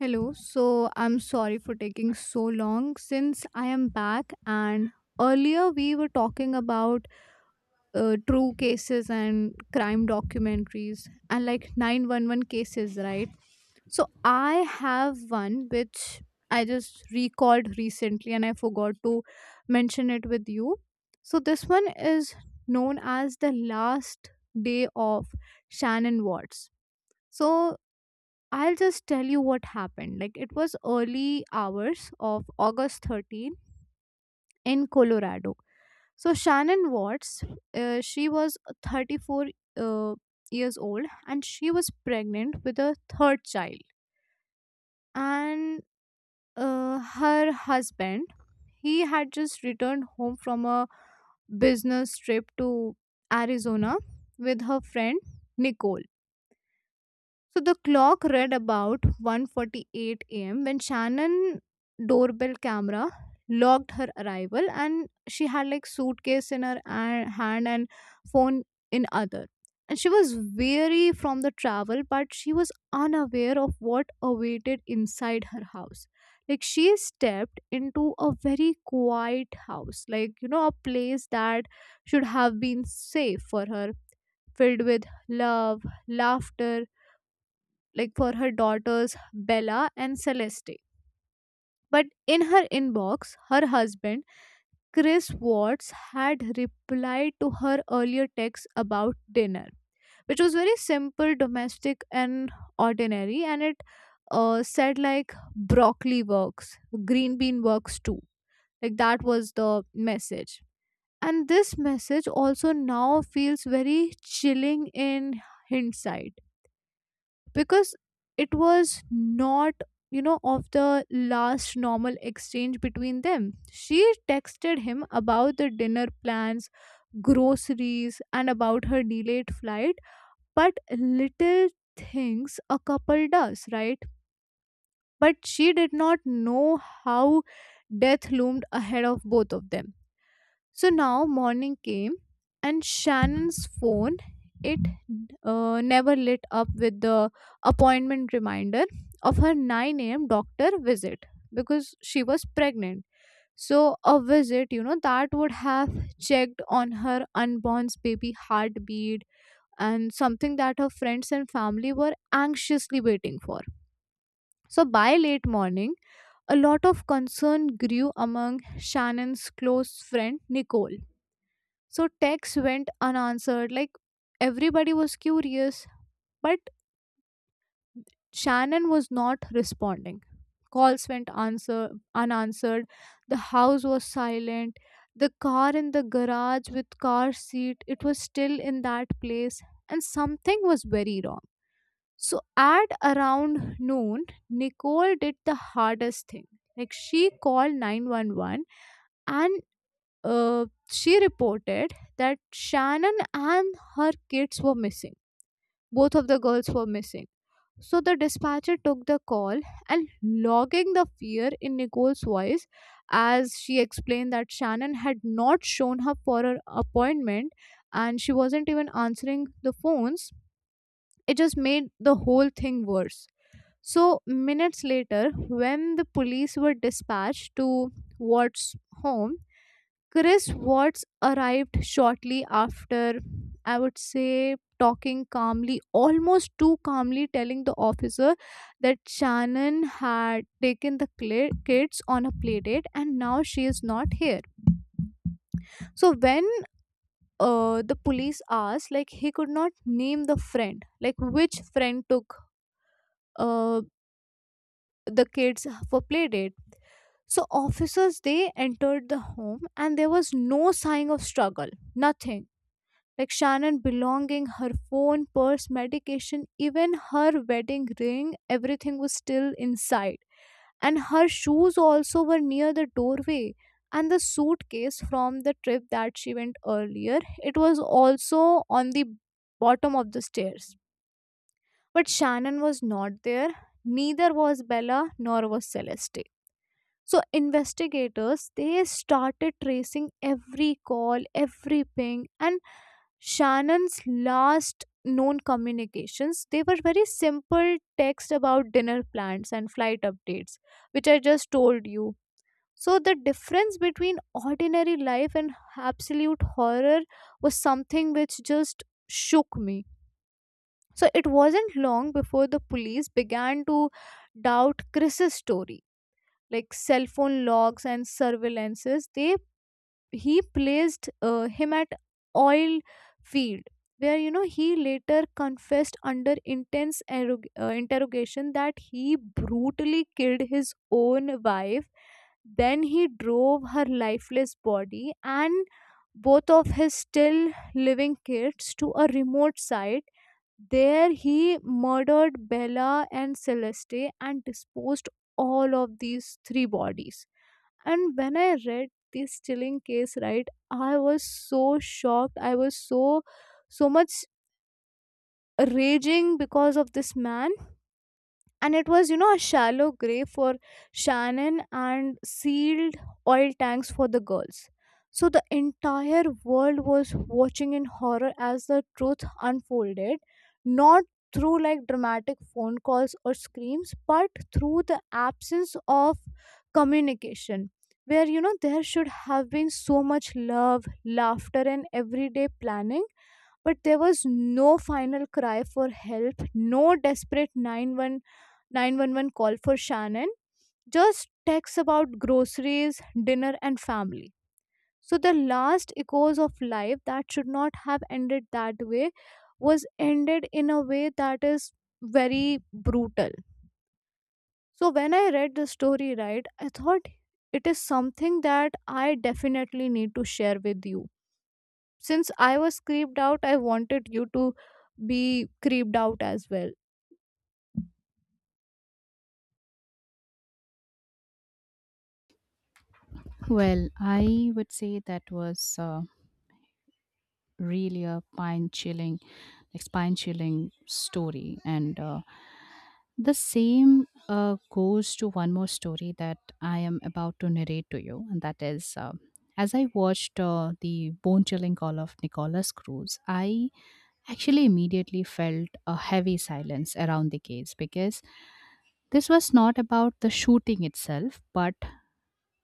Hello. So I'm sorry for taking so long since I am back and earlier we were talking about true cases and crime documentaries and like 911 cases, right? So I have one which I just recalled recently and I forgot to mention it with you. So this one is known as the last day of Shannon Watts. So I'll just tell you what happened. Like it was early hours of August 13 in Colorado. So Shannon Watts, she was 34 uh, years old and she was pregnant with a third child. And her husband, he had just returned home from a business trip to Arizona with her friend Nicole. So the clock read about 1:48 a.m. when Shannon doorbell camera logged her arrival and she had like suitcase in her hand and phone in other. And she was weary from the travel but she was unaware of what awaited inside her house. Like she stepped into a very quiet house, like you know a place that should have been safe for her, filled with love, laughter like for her daughters Bella and Celeste. But in her inbox, her husband Chris Watts had replied to her earlier text about dinner, which was very simple, domestic, and ordinary. And it said like broccoli works, green bean works too. Like that was the message. And this message also now feels very chilling in hindsight because it was not you know of the last normal exchange between them. She texted him about the dinner plans, groceries, and about her delayed flight, but little things a couple does, right? But she did not know how death loomed ahead of both of them. So now morning came, and Shannon's phone, it never lit up with the appointment reminder of her 9 a.m. doctor visit because she was pregnant. So a visit, you know, that would have checked on her unborn's baby heartbeat and something that her friends and family were anxiously waiting for. So by late morning, a lot of concern grew among Shannon's close friend Nicole. So texts went unanswered. Like everybody was curious, but Shannon was not responding. Calls went answer unanswered. The house was silent. The car in the garage with car seat, it was still in that place, and something was very wrong. So at around noon, Nicole did the hardest thing. Like she called 911 and she reported that Shannon and her kids were missing. Both of the girls were missing. So the dispatcher took the call and logging the fear in Nicole's voice as she explained that Shannon had not shown up for her appointment and she wasn't even answering the phones. It just made the whole thing worse. So, minutes later, when the police were dispatched to Watt's home, Chris Watts arrived shortly after, I would say, talking calmly, almost too calmly, telling the officer that Shannon had taken the kids on a playdate and now she is not here. So when the police asked, like he could not name the friend, like which friend took uh, the kids for playdate. So officers they entered the home and there was no sign of struggle, nothing. Like Shannon belonging, her phone, purse, medication, even her wedding ring, everything was still inside. And her shoes also were near the doorway. And the suitcase from the trip that she went earlier, it was also on the bottom of the stairs. But Shannon was not there. Neither was Bella nor was Celeste. So investigators they started tracing every call, every ping, and Shannon's last known communications, they were very simple text about dinner plans and flight updates, which I just told you. So the difference between ordinary life and absolute horror was something which just shook me. So it wasn't long before the police began to doubt Chris's story. Like cell phone logs and surveillances, they he placed him at oil field where you know he later confessed under intense interrogation that he brutally killed his own wife. Then he drove her lifeless body and both of his still living kids to a remote site. There he murdered Bella and Celeste and disposed all of these three bodies. And when I read this stealing case, right, I was so shocked. I was so so much raging because of this man. And it was, you know, a shallow grave for Shannon and sealed oil tanks for the girls. So the entire world was watching in horror as the truth unfolded, not through like dramatic phone calls or screams but through the absence of communication, where you know there should have been so much love, laughter, and everyday planning, but there was no final cry for help, no desperate 911 call for Shannon, just texts about groceries, dinner, and family. So the last echoes of life that should not have ended that way was ended in a way that is very brutal. So when I read the story, right, I thought it is something that I definitely need to share with you. Since I was creeped out, I wanted you to be creeped out as well. Well, I would say that was really a spine chilling, like spine chilling story, and the same goes to one more story that I am about to narrate to you, and that is. As I watched the bone chilling call of Nicholas Cruz, I actually immediately felt a heavy silence around the case because this was not about the shooting itself, but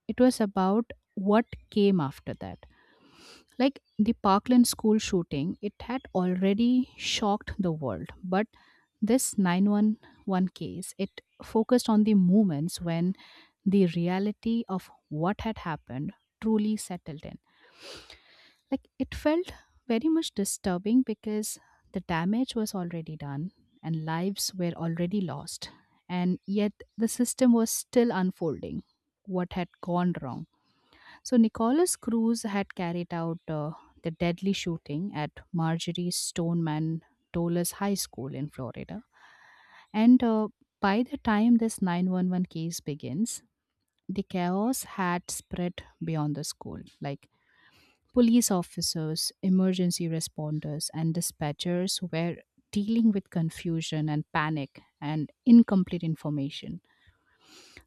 it was about what came after that. Like the Parkland school shooting, it had already shocked the world, but this 911 case, it focused on the moments when the reality of what had happened truly settled in. Like it felt very much disturbing because the damage was already done and lives were already lost, and yet the system was still unfolding what had gone wrong. So Nicholas Cruz had carried out the deadly shooting at Marjorie Stoneman Douglas High School in Florida. And By the time this 911 case begins, the chaos had spread beyond the school. Like police officers, emergency responders, and dispatchers were dealing with confusion and panic and incomplete information.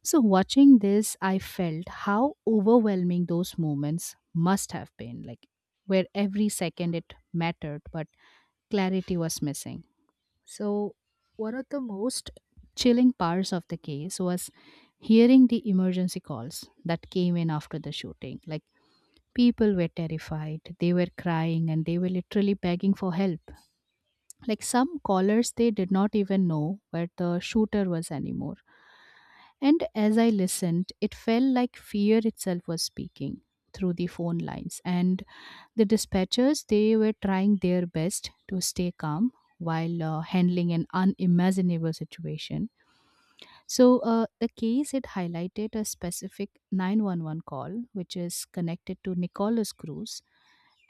So, watching this, I felt how overwhelming those moments must have been, like where every second it mattered, but clarity was missing. So, one of the most chilling parts of the case was hearing the emergency calls that came in after the shooting. Like, people were terrified, they were crying, and they were literally begging for help. Like, some callers, they did not even know where the shooter was anymore, and as I listened, it felt like fear itself was speaking through the phone lines. And the dispatchers, they were trying their best to stay calm while handling an unimaginable situation. So, the case it highlighted a specific 911 call, which is connected to Nicholas Cruz,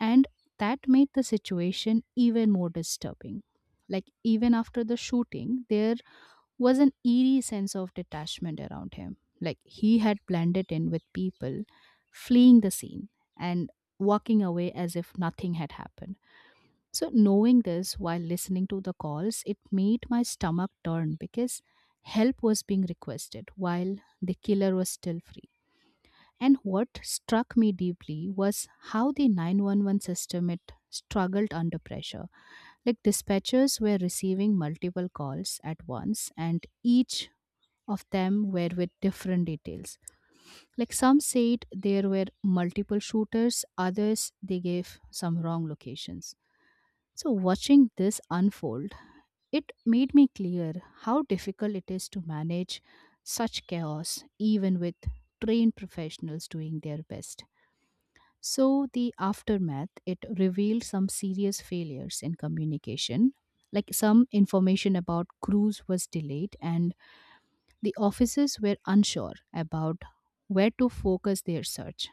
and that made the situation even more disturbing. Like, even after the shooting, there was an eerie sense of detachment around him. Like he had blended in with people fleeing the scene and walking away as if nothing had happened. So, knowing this while listening to the calls, it made my stomach turn because help was being requested while the killer was still free. And what struck me deeply was how the 911 system it struggled under pressure. Like dispatchers were receiving multiple calls at once and each of them were with different details. Like some said there were multiple shooters, others they gave some wrong locations. So, watching this unfold, it made me clear how difficult it is to manage such chaos, even with trained professionals doing their best. So, the aftermath, it revealed some serious failures in communication. Like some information about crews was delayed and the officers were unsure about where to focus their search.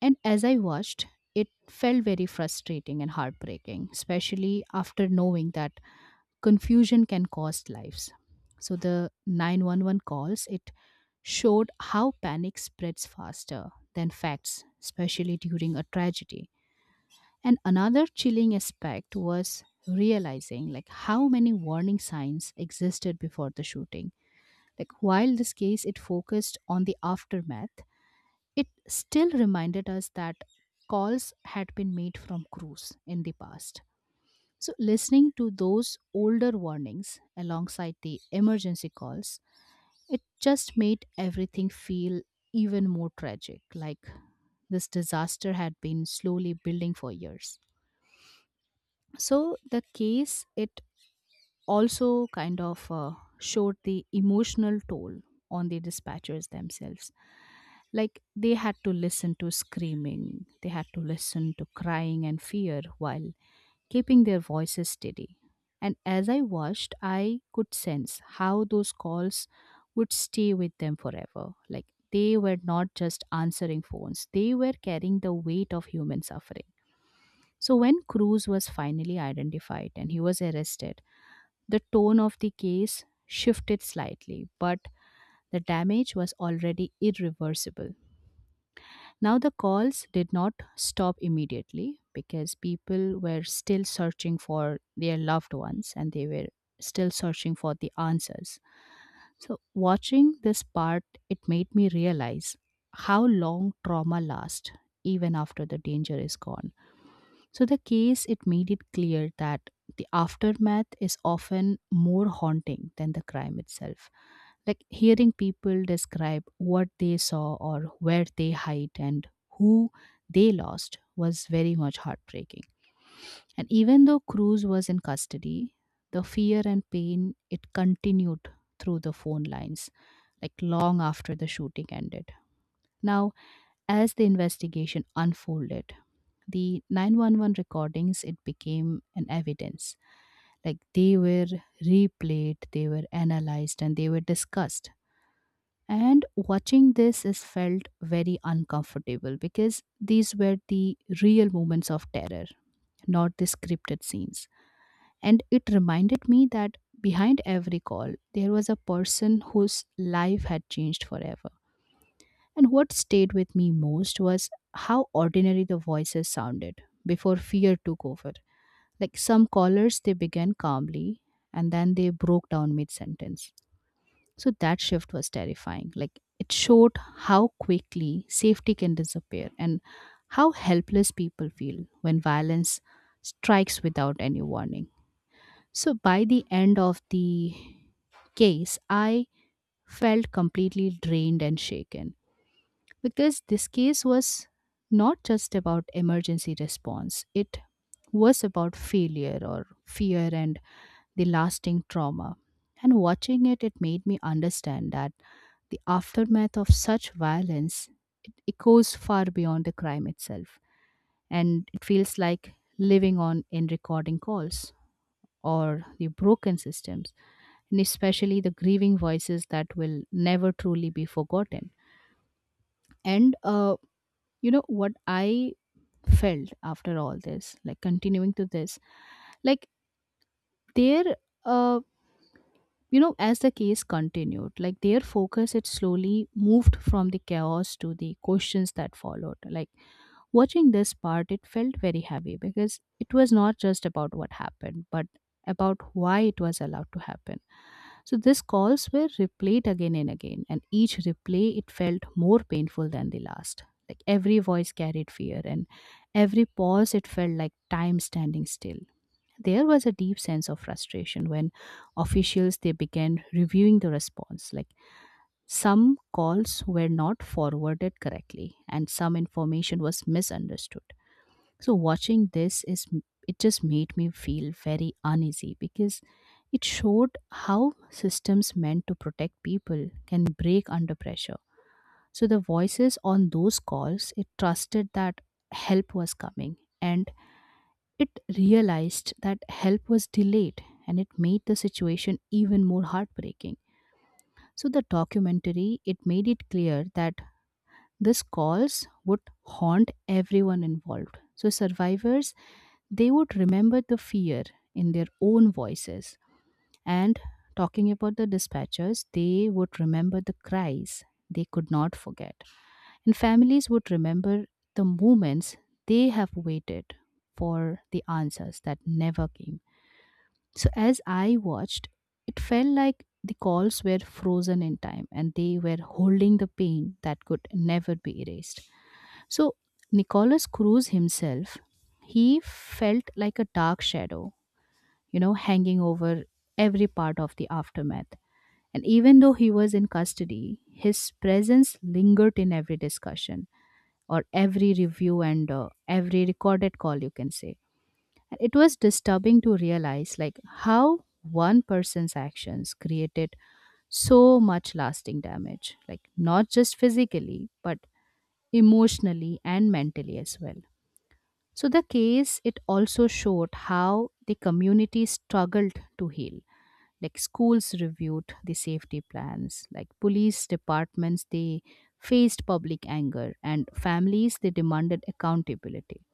And as I watched, it felt very frustrating and heartbreaking, especially after knowing that confusion can cost lives. So the 911 calls, it showed how panic spreads faster than facts, especially during a tragedy. And another chilling aspect was realizing like how many warning signs existed before the shooting. Like while this case it focused on the aftermath, it still reminded us that calls had been made from crews in the past. So listening to those older warnings alongside the emergency calls, it just made everything feel even more tragic, like this disaster had been slowly building for years. So the case it also kind of showed the emotional toll on the dispatchers themselves. Like they had to listen to screaming, they had to listen to crying and fear while keeping their voices steady. And as I watched, I could sense how those calls would stay with them forever. Like they were not just answering phones, they were carrying the weight of human suffering. So when Cruz was finally identified and he was arrested, the tone of the case shifted slightly, but the damage was already irreversible. Now, the calls did not stop immediately because people were still searching for their loved ones and they were still searching for the answers. So, watching this part, it made me realize how long trauma lasts even after the danger is gone. So the case it made it clear that the aftermath is often more haunting than the crime itself. Like hearing people describe what they saw or where they hide and who they lost was very much heartbreaking. And even though Cruz was in custody, the fear and pain it continued through the phone lines like long after the shooting ended. Now as the investigation unfolded, the 911 recordings it became an evidence. Like they were replayed, they were analyzed and they were discussed. And watching this is felt very uncomfortable because these were the real moments of terror, not the scripted scenes. And it reminded me that behind every call, there was a person whose life had changed forever. And what stayed with me most was how ordinary the voices sounded before fear took over. Like some callers, they began calmly and then they broke down mid sentence. So that shift was terrifying. Like it showed how quickly safety can disappear and how helpless people feel when violence strikes without any warning. So by the end of the case, I felt completely drained and shaken because this case was not just about emergency response, it was about failure or fear and the lasting trauma. And watching it, it made me understand that the aftermath of such violence it echoes far beyond the crime itself, and it feels like living on in recording calls or the broken systems and especially the grieving voices that will never truly be forgotten. And you know what I felt after all this, like continuing to this, like their, uh, as the case continued, like their focus, it slowly moved from the chaos to the questions that followed. Like watching this part, it felt very heavy because it was not just about what happened, but about why it was allowed to happen. So these calls were replayed again and again, and each replay it felt more painful than the last. Like every voice carried fear, and every pause it felt like time standing still. There was a deep sense of frustration when officials they began reviewing the response. Like some calls were not forwarded correctly, and some information was misunderstood. So watching this is it just made me feel very uneasy because it showed how systems meant to protect people can break under pressure. So the voices on those calls it trusted that help was coming and it realized that help was delayed and it made the situation even more heartbreaking. So the documentary it made it clear that these calls would haunt everyone involved. So survivors they would remember the fear in their own voices. And talking about the dispatchers, they would remember the cries they could not forget. And families would remember the moments they have waited for the answers that never came. So as I watched, it felt like the calls were frozen in time and they were holding the pain that could never be erased. So Nicholas Cruz himself, he felt like a dark shadow, you know, hanging over every part of the aftermath. And even though he was in custody, his presence lingered in every discussion or every review and every recorded call, you can say. And it was disturbing to realize like how one person's actions created so much lasting damage, like not just physically, but emotionally and mentally as well. So the case it also showed how the community struggled to heal. Like schools reviewed the safety plans, like police departments they faced public anger and families they demanded accountability.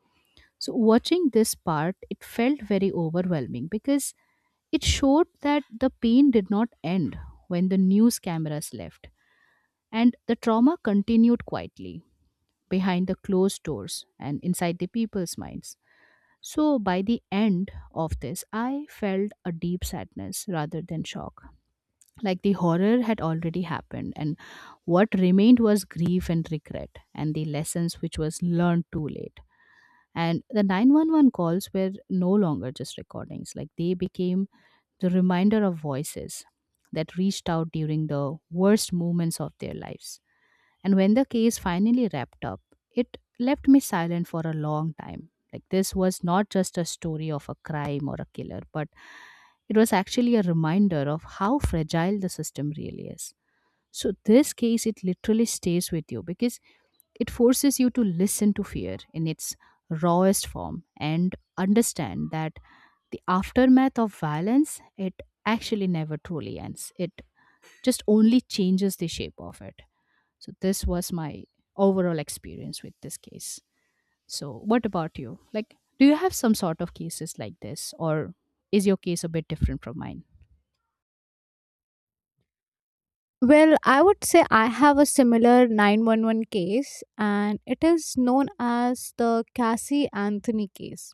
So watching this part it felt very overwhelming because it showed that the pain did not end when the news cameras left, and the trauma continued quietly behind the closed doors and inside the people's minds. So by the end of this I felt a deep sadness rather than shock. Like the horror had already happened, and what remained was grief and regret and the lessons which was learned too late. And the 911 calls were no longer just recordings, like they became the reminder of voices that reached out during the worst moments of their lives. And when the case finally wrapped up, it left me silent for a long time. Like, this was not just a story of a crime or a killer, but it was actually a reminder of how fragile the system really is. So, this case, it literally stays with you because it forces you to listen to fear in its rawest form and understand that the aftermath of violence, it actually never truly ends. It just only changes the shape of it. So this was my overall experience with this case. So what about you? Like do you have some sort of cases like this or is your case a bit different from mine? Well, I would say I have a similar 911 case, and it is known as the Cassie Anthony case.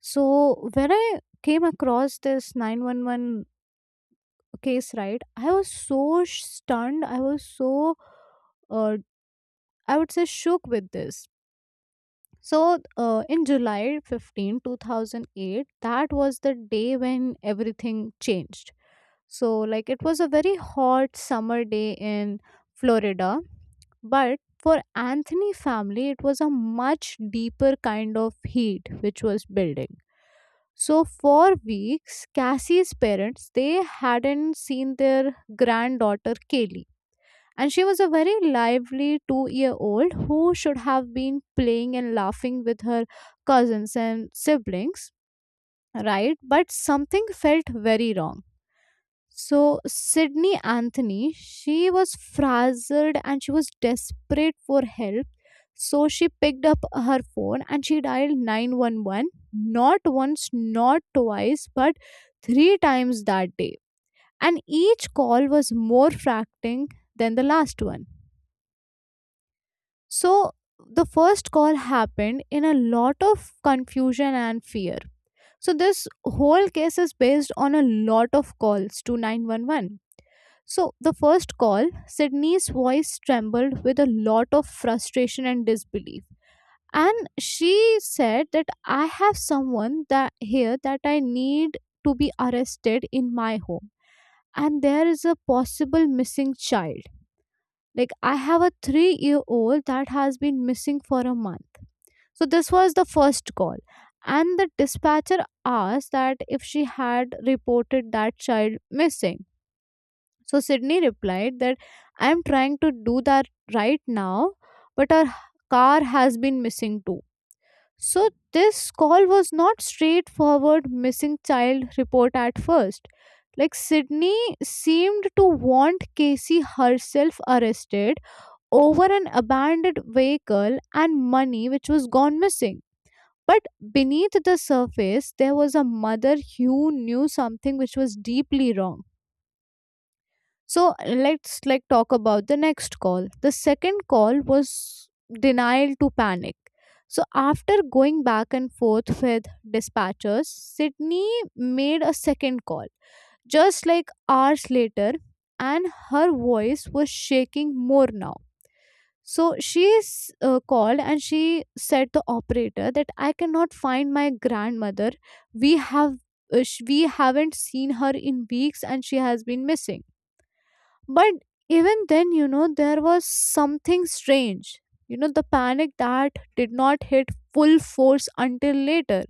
So, when I came across this 911 case, right, I was so stunned. I was so, uh, I would say, shook with this. So, in July 15, 2008, that was the day when everything changed. So, like, it was a very hot summer day in Florida, but for Anthony family, it was a much deeper kind of heat which was building. So, for weeks, Cassie's parents they hadn't seen their granddaughter Kaylee, and she was a very lively two-year-old who should have been playing and laughing with her cousins and siblings, right? But something felt very wrong. So Sydney Anthony, she was frazzled and she was desperate for help. So she picked up her phone and she dialed 911, not once, not twice, but three times that day. And each call was more fracturing than the last one. So the first call happened in a lot of confusion and fear. So this whole case is based on a lot of calls to 911. So, the first call, Sydney's voice trembled with a lot of frustration and disbelief. And she said that I have someone that here that I need to be arrested in my home. And there is a possible missing child. Like I have a 3-year-old that has been missing for a month. So this was the first call. And the dispatcher asked that if she had reported that child missing. So Sydney replied that I am trying to do that right now, but our car has been missing too. So this call was not straightforward missing child report at first. Like Sydney seemed to want Casey herself arrested over an abandoned vehicle and money which was gone missing. But beneath the surface, there was a mother who knew something which was deeply wrong. So let's like talk about the next call. The second call was denial to panic. So after going back and forth with dispatchers, Sydney made a second call just like hours later, and her voice was shaking more now. So called and she said the operator that I cannot find my grandmother. We have we haven't seen her in weeks and she has been missing. But even then, you know, there was something strange. You know, the panic that did not hit full force until later.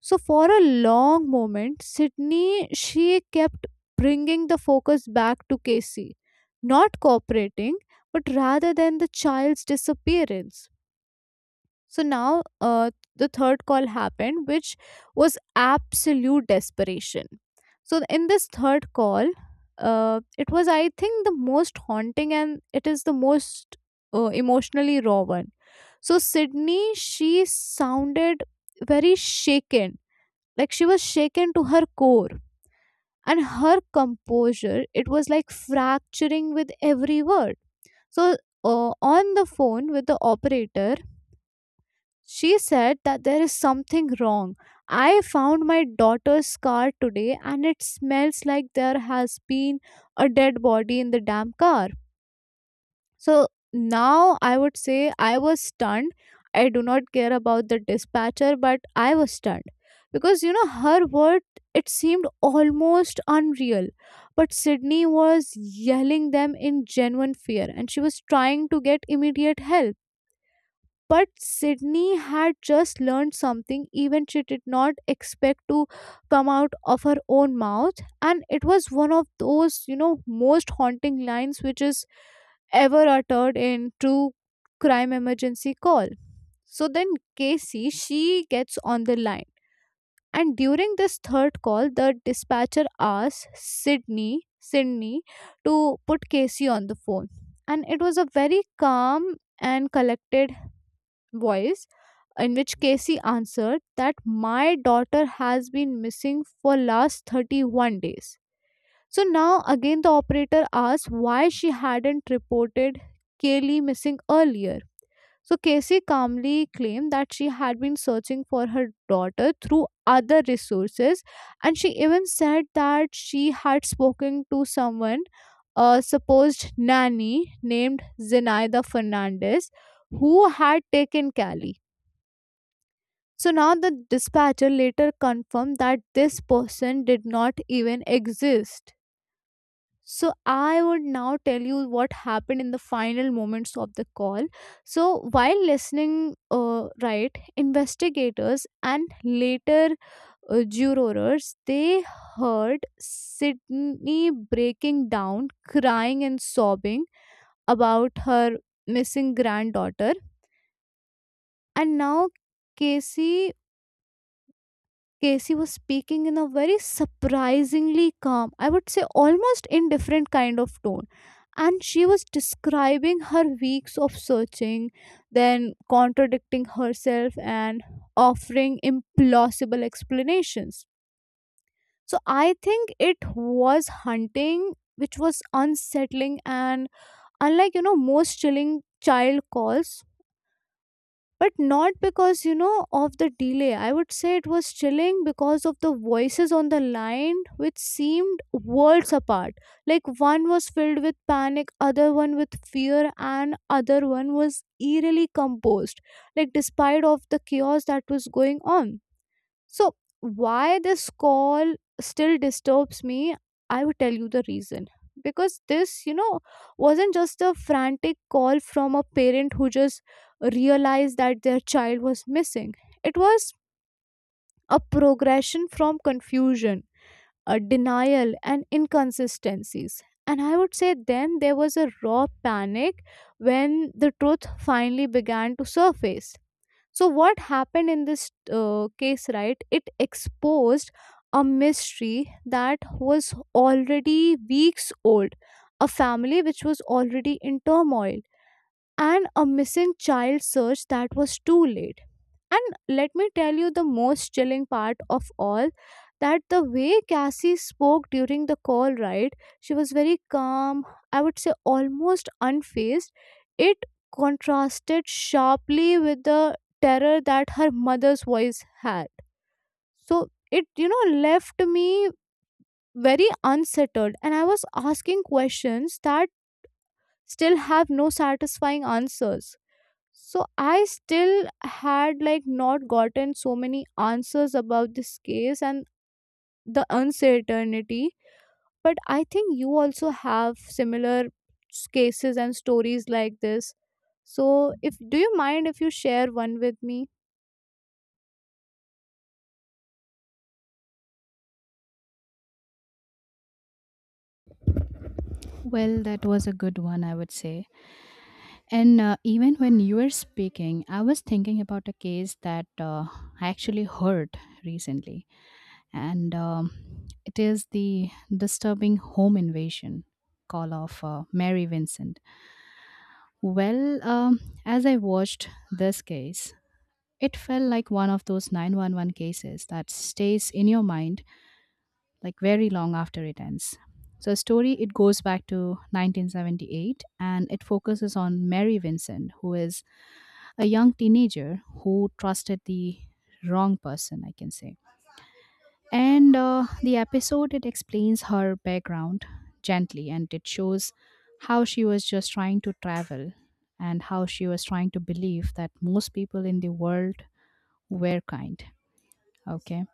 So, for a long moment, Sydney, she kept bringing the focus back to Casey, not cooperating, but rather than the child's disappearance. So now the third call happened, which was absolute desperation. So in this third call, it was, I think, the most haunting and it is the most emotionally raw one. So Sydney, she sounded very shaken, like she was shaken to her core, and her composure it was like fracturing with every word. So on the phone with the operator, she said that there is something wrong. I found my daughter's car today and it smells like there has been a dead body in the damn car. So now I would say I was stunned. I do not care about the dispatcher, but I was stunned. Because you know, her word, it seemed almost unreal. But Sydney was yelling them in genuine fear and she was trying to get immediate help. But Sydney had just learned something even she did not expect to come out of her own mouth. And it was one of those, you know, most haunting lines which is ever uttered in true crime emergency call. So then Casey, she gets on the line. And during this third call, the dispatcher asks Sydney, Sydney to put Casey on the phone. And it was a very calm and collected voice in which Casey answered that my daughter has been missing for last 31 days. So now again the operator asked why she hadn't reported Kaylee missing earlier. So Casey calmly claimed that she had been searching for her daughter through other resources and she even said that she had spoken to someone, a supposed nanny named Zenaida Fernandez, who had taken Callie. So now the dispatcher later confirmed that this person did not even exist. So I would now tell you what happened in the final moments of the call. So while listening, right, investigators and later jurors they heard Sydney breaking down, crying and sobbing about her missing granddaughter, and now Casey Casey was speaking in a very surprisingly calm, I would say almost indifferent kind of tone. And she was describing her weeks of searching, then contradicting herself and offering implausible explanations. So I think it was hunting, which was unsettling and unlike, you know, most chilling child calls, but not because you know of the delay. I would say it was chilling because of the voices on the line which seemed worlds apart, like one was filled with panic, other one with fear, and other one was eerily composed, like despite of the chaos that was going on. So, why this call still disturbs me, I will tell you the reason. Because this, you know, wasn't just a frantic call from a parent who just realized that their child was missing, it was a progression from confusion, a denial, and inconsistencies. And I would say then there was a raw panic when the truth finally began to surface. So, what happened in this case, right? It exposed a mystery that was already weeks old, a family which was already in turmoil, and a missing child search that was too late. And let me tell you the most chilling part of all, that the way Cassie spoke during the call, right? She was very calm, I would say almost unfazed. It contrasted sharply with the terror that her mother's voice had. So it, you know, left me very unsettled, and I was asking questions that still have no satisfying answers. So I still had like not gotten so many answers about this case and the uncertainty. But I think you also have similar cases and stories like this. So if do you mind if you share one with me? Well, that was a good one, I would say. And even when you were speaking, I was thinking about a case that I actually heard recently, and it is the disturbing home invasion call of Mary Vincent. As I watched this case, it felt like one of those 911 cases that stays in your mind like very long after it ends. So, a story, it goes back to 1978 and it focuses on Mary Vincent, who is a young teenager who trusted the wrong person, I can say. And the episode, it explains her background gently and it shows how she was just trying to travel and how she was trying to believe that most people in the world were kind. Okay.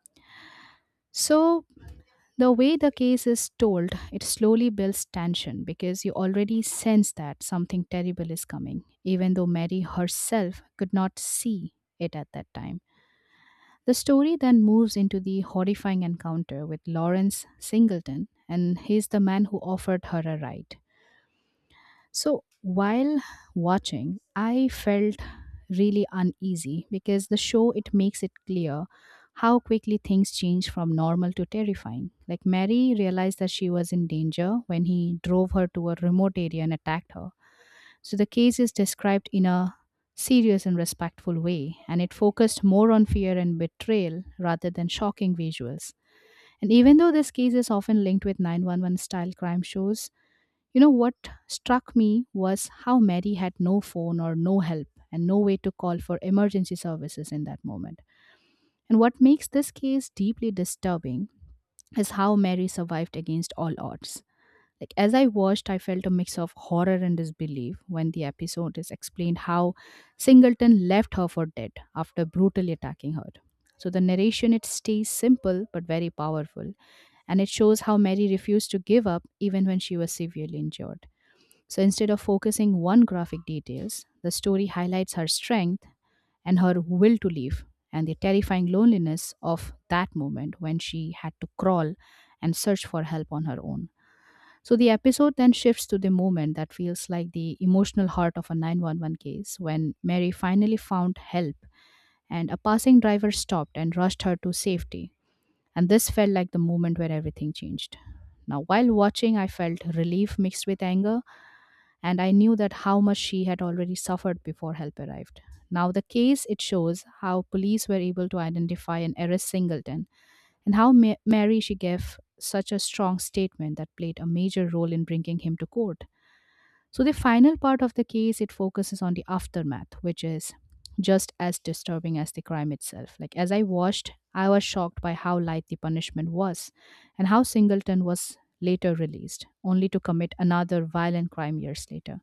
So the way the case is told, it slowly builds tension because you already sense that something terrible is coming, even though Mary herself could not see it at that time. The story then moves into the horrifying encounter with Lawrence Singleton, and he's the man who offered her a ride. So while watching, I felt really uneasy because the show it makes it clear how quickly things change from normal to terrifying. Like Mary realized that she was in danger when he drove her to a remote area and attacked her. So the case is described in a serious and respectful way and it focused more on fear and betrayal rather than shocking visuals. And even though this case is often linked with 911 style crime shows, you know what struck me was how Mary had no phone or no help and no way to call for emergency services in that moment. And what makes this case deeply disturbing is how Mary survived against all odds. Like as I watched, I felt a mix of horror and disbelief when the episode is explained how Singleton left her for dead after brutally attacking her. So the narration it stays simple but very powerful and it shows how Mary refused to give up even when she was severely injured. So instead of focusing on graphic details, the story highlights her strength and her will to live and the terrifying loneliness of that moment when she had to crawl and search for help on her own. So the episode then shifts to the moment that feels like the emotional heart of a 911 case when Mary finally found help and a passing driver stopped and rushed her to safety. And this felt like the moment where everything changed. Now, while watching, I felt relief mixed with anger and I knew that how much she had already suffered before help arrived. Now the case it shows how police were able to identify and arrest Singleton and how Mary she gave such a strong statement that played a major role in bringing him to court. So the final part of the case it focuses on the aftermath which is just as disturbing as the crime itself. Like as I watched, I was shocked by how light the punishment was and how Singleton was later released only to commit another violent crime years later.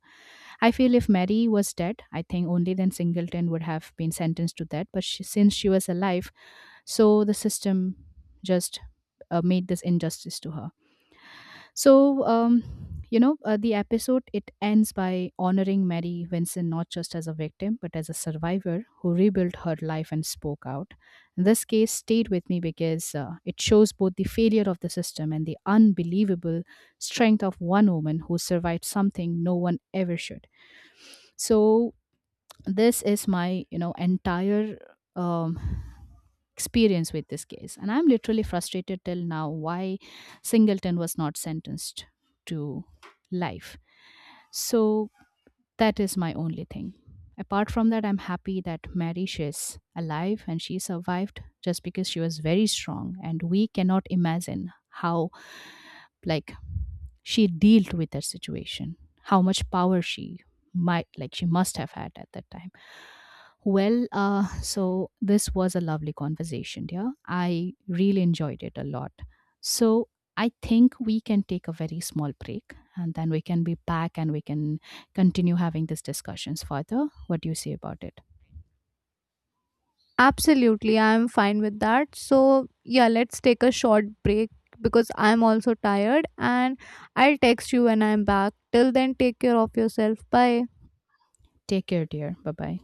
I feel if Mary was dead, I think only then Singleton would have been sentenced to that. But she, since she was alive, so the system just made this injustice to her. So, um, the episode it ends by honoring Mary Vincent not just as a victim but as a survivor who rebuilt her life and spoke out. This case stayed with me because it shows both the failure of the system and the unbelievable strength of one woman who survived something no one ever should, so this is my entire um, experience with this case and I'm literally frustrated till now why Singleton was not sentenced to life, so that is my only thing. Apart from that, I'm happy that Mary she's alive and she survived just because she was very strong and we cannot imagine how, like, she dealt with that situation, how much power she might, like, she must have had at that time. So this was a lovely conversation, dear. I really enjoyed it a lot. So I think we can take a very small break and then we can be back and we can continue having these discussions further. What do you say about it? Absolutely, I am fine with that. So yeah, let's take a short break because I'm also tired and I'll text you when I'm back. Till then, take care of yourself. Bye. Take care, dear. Bye bye.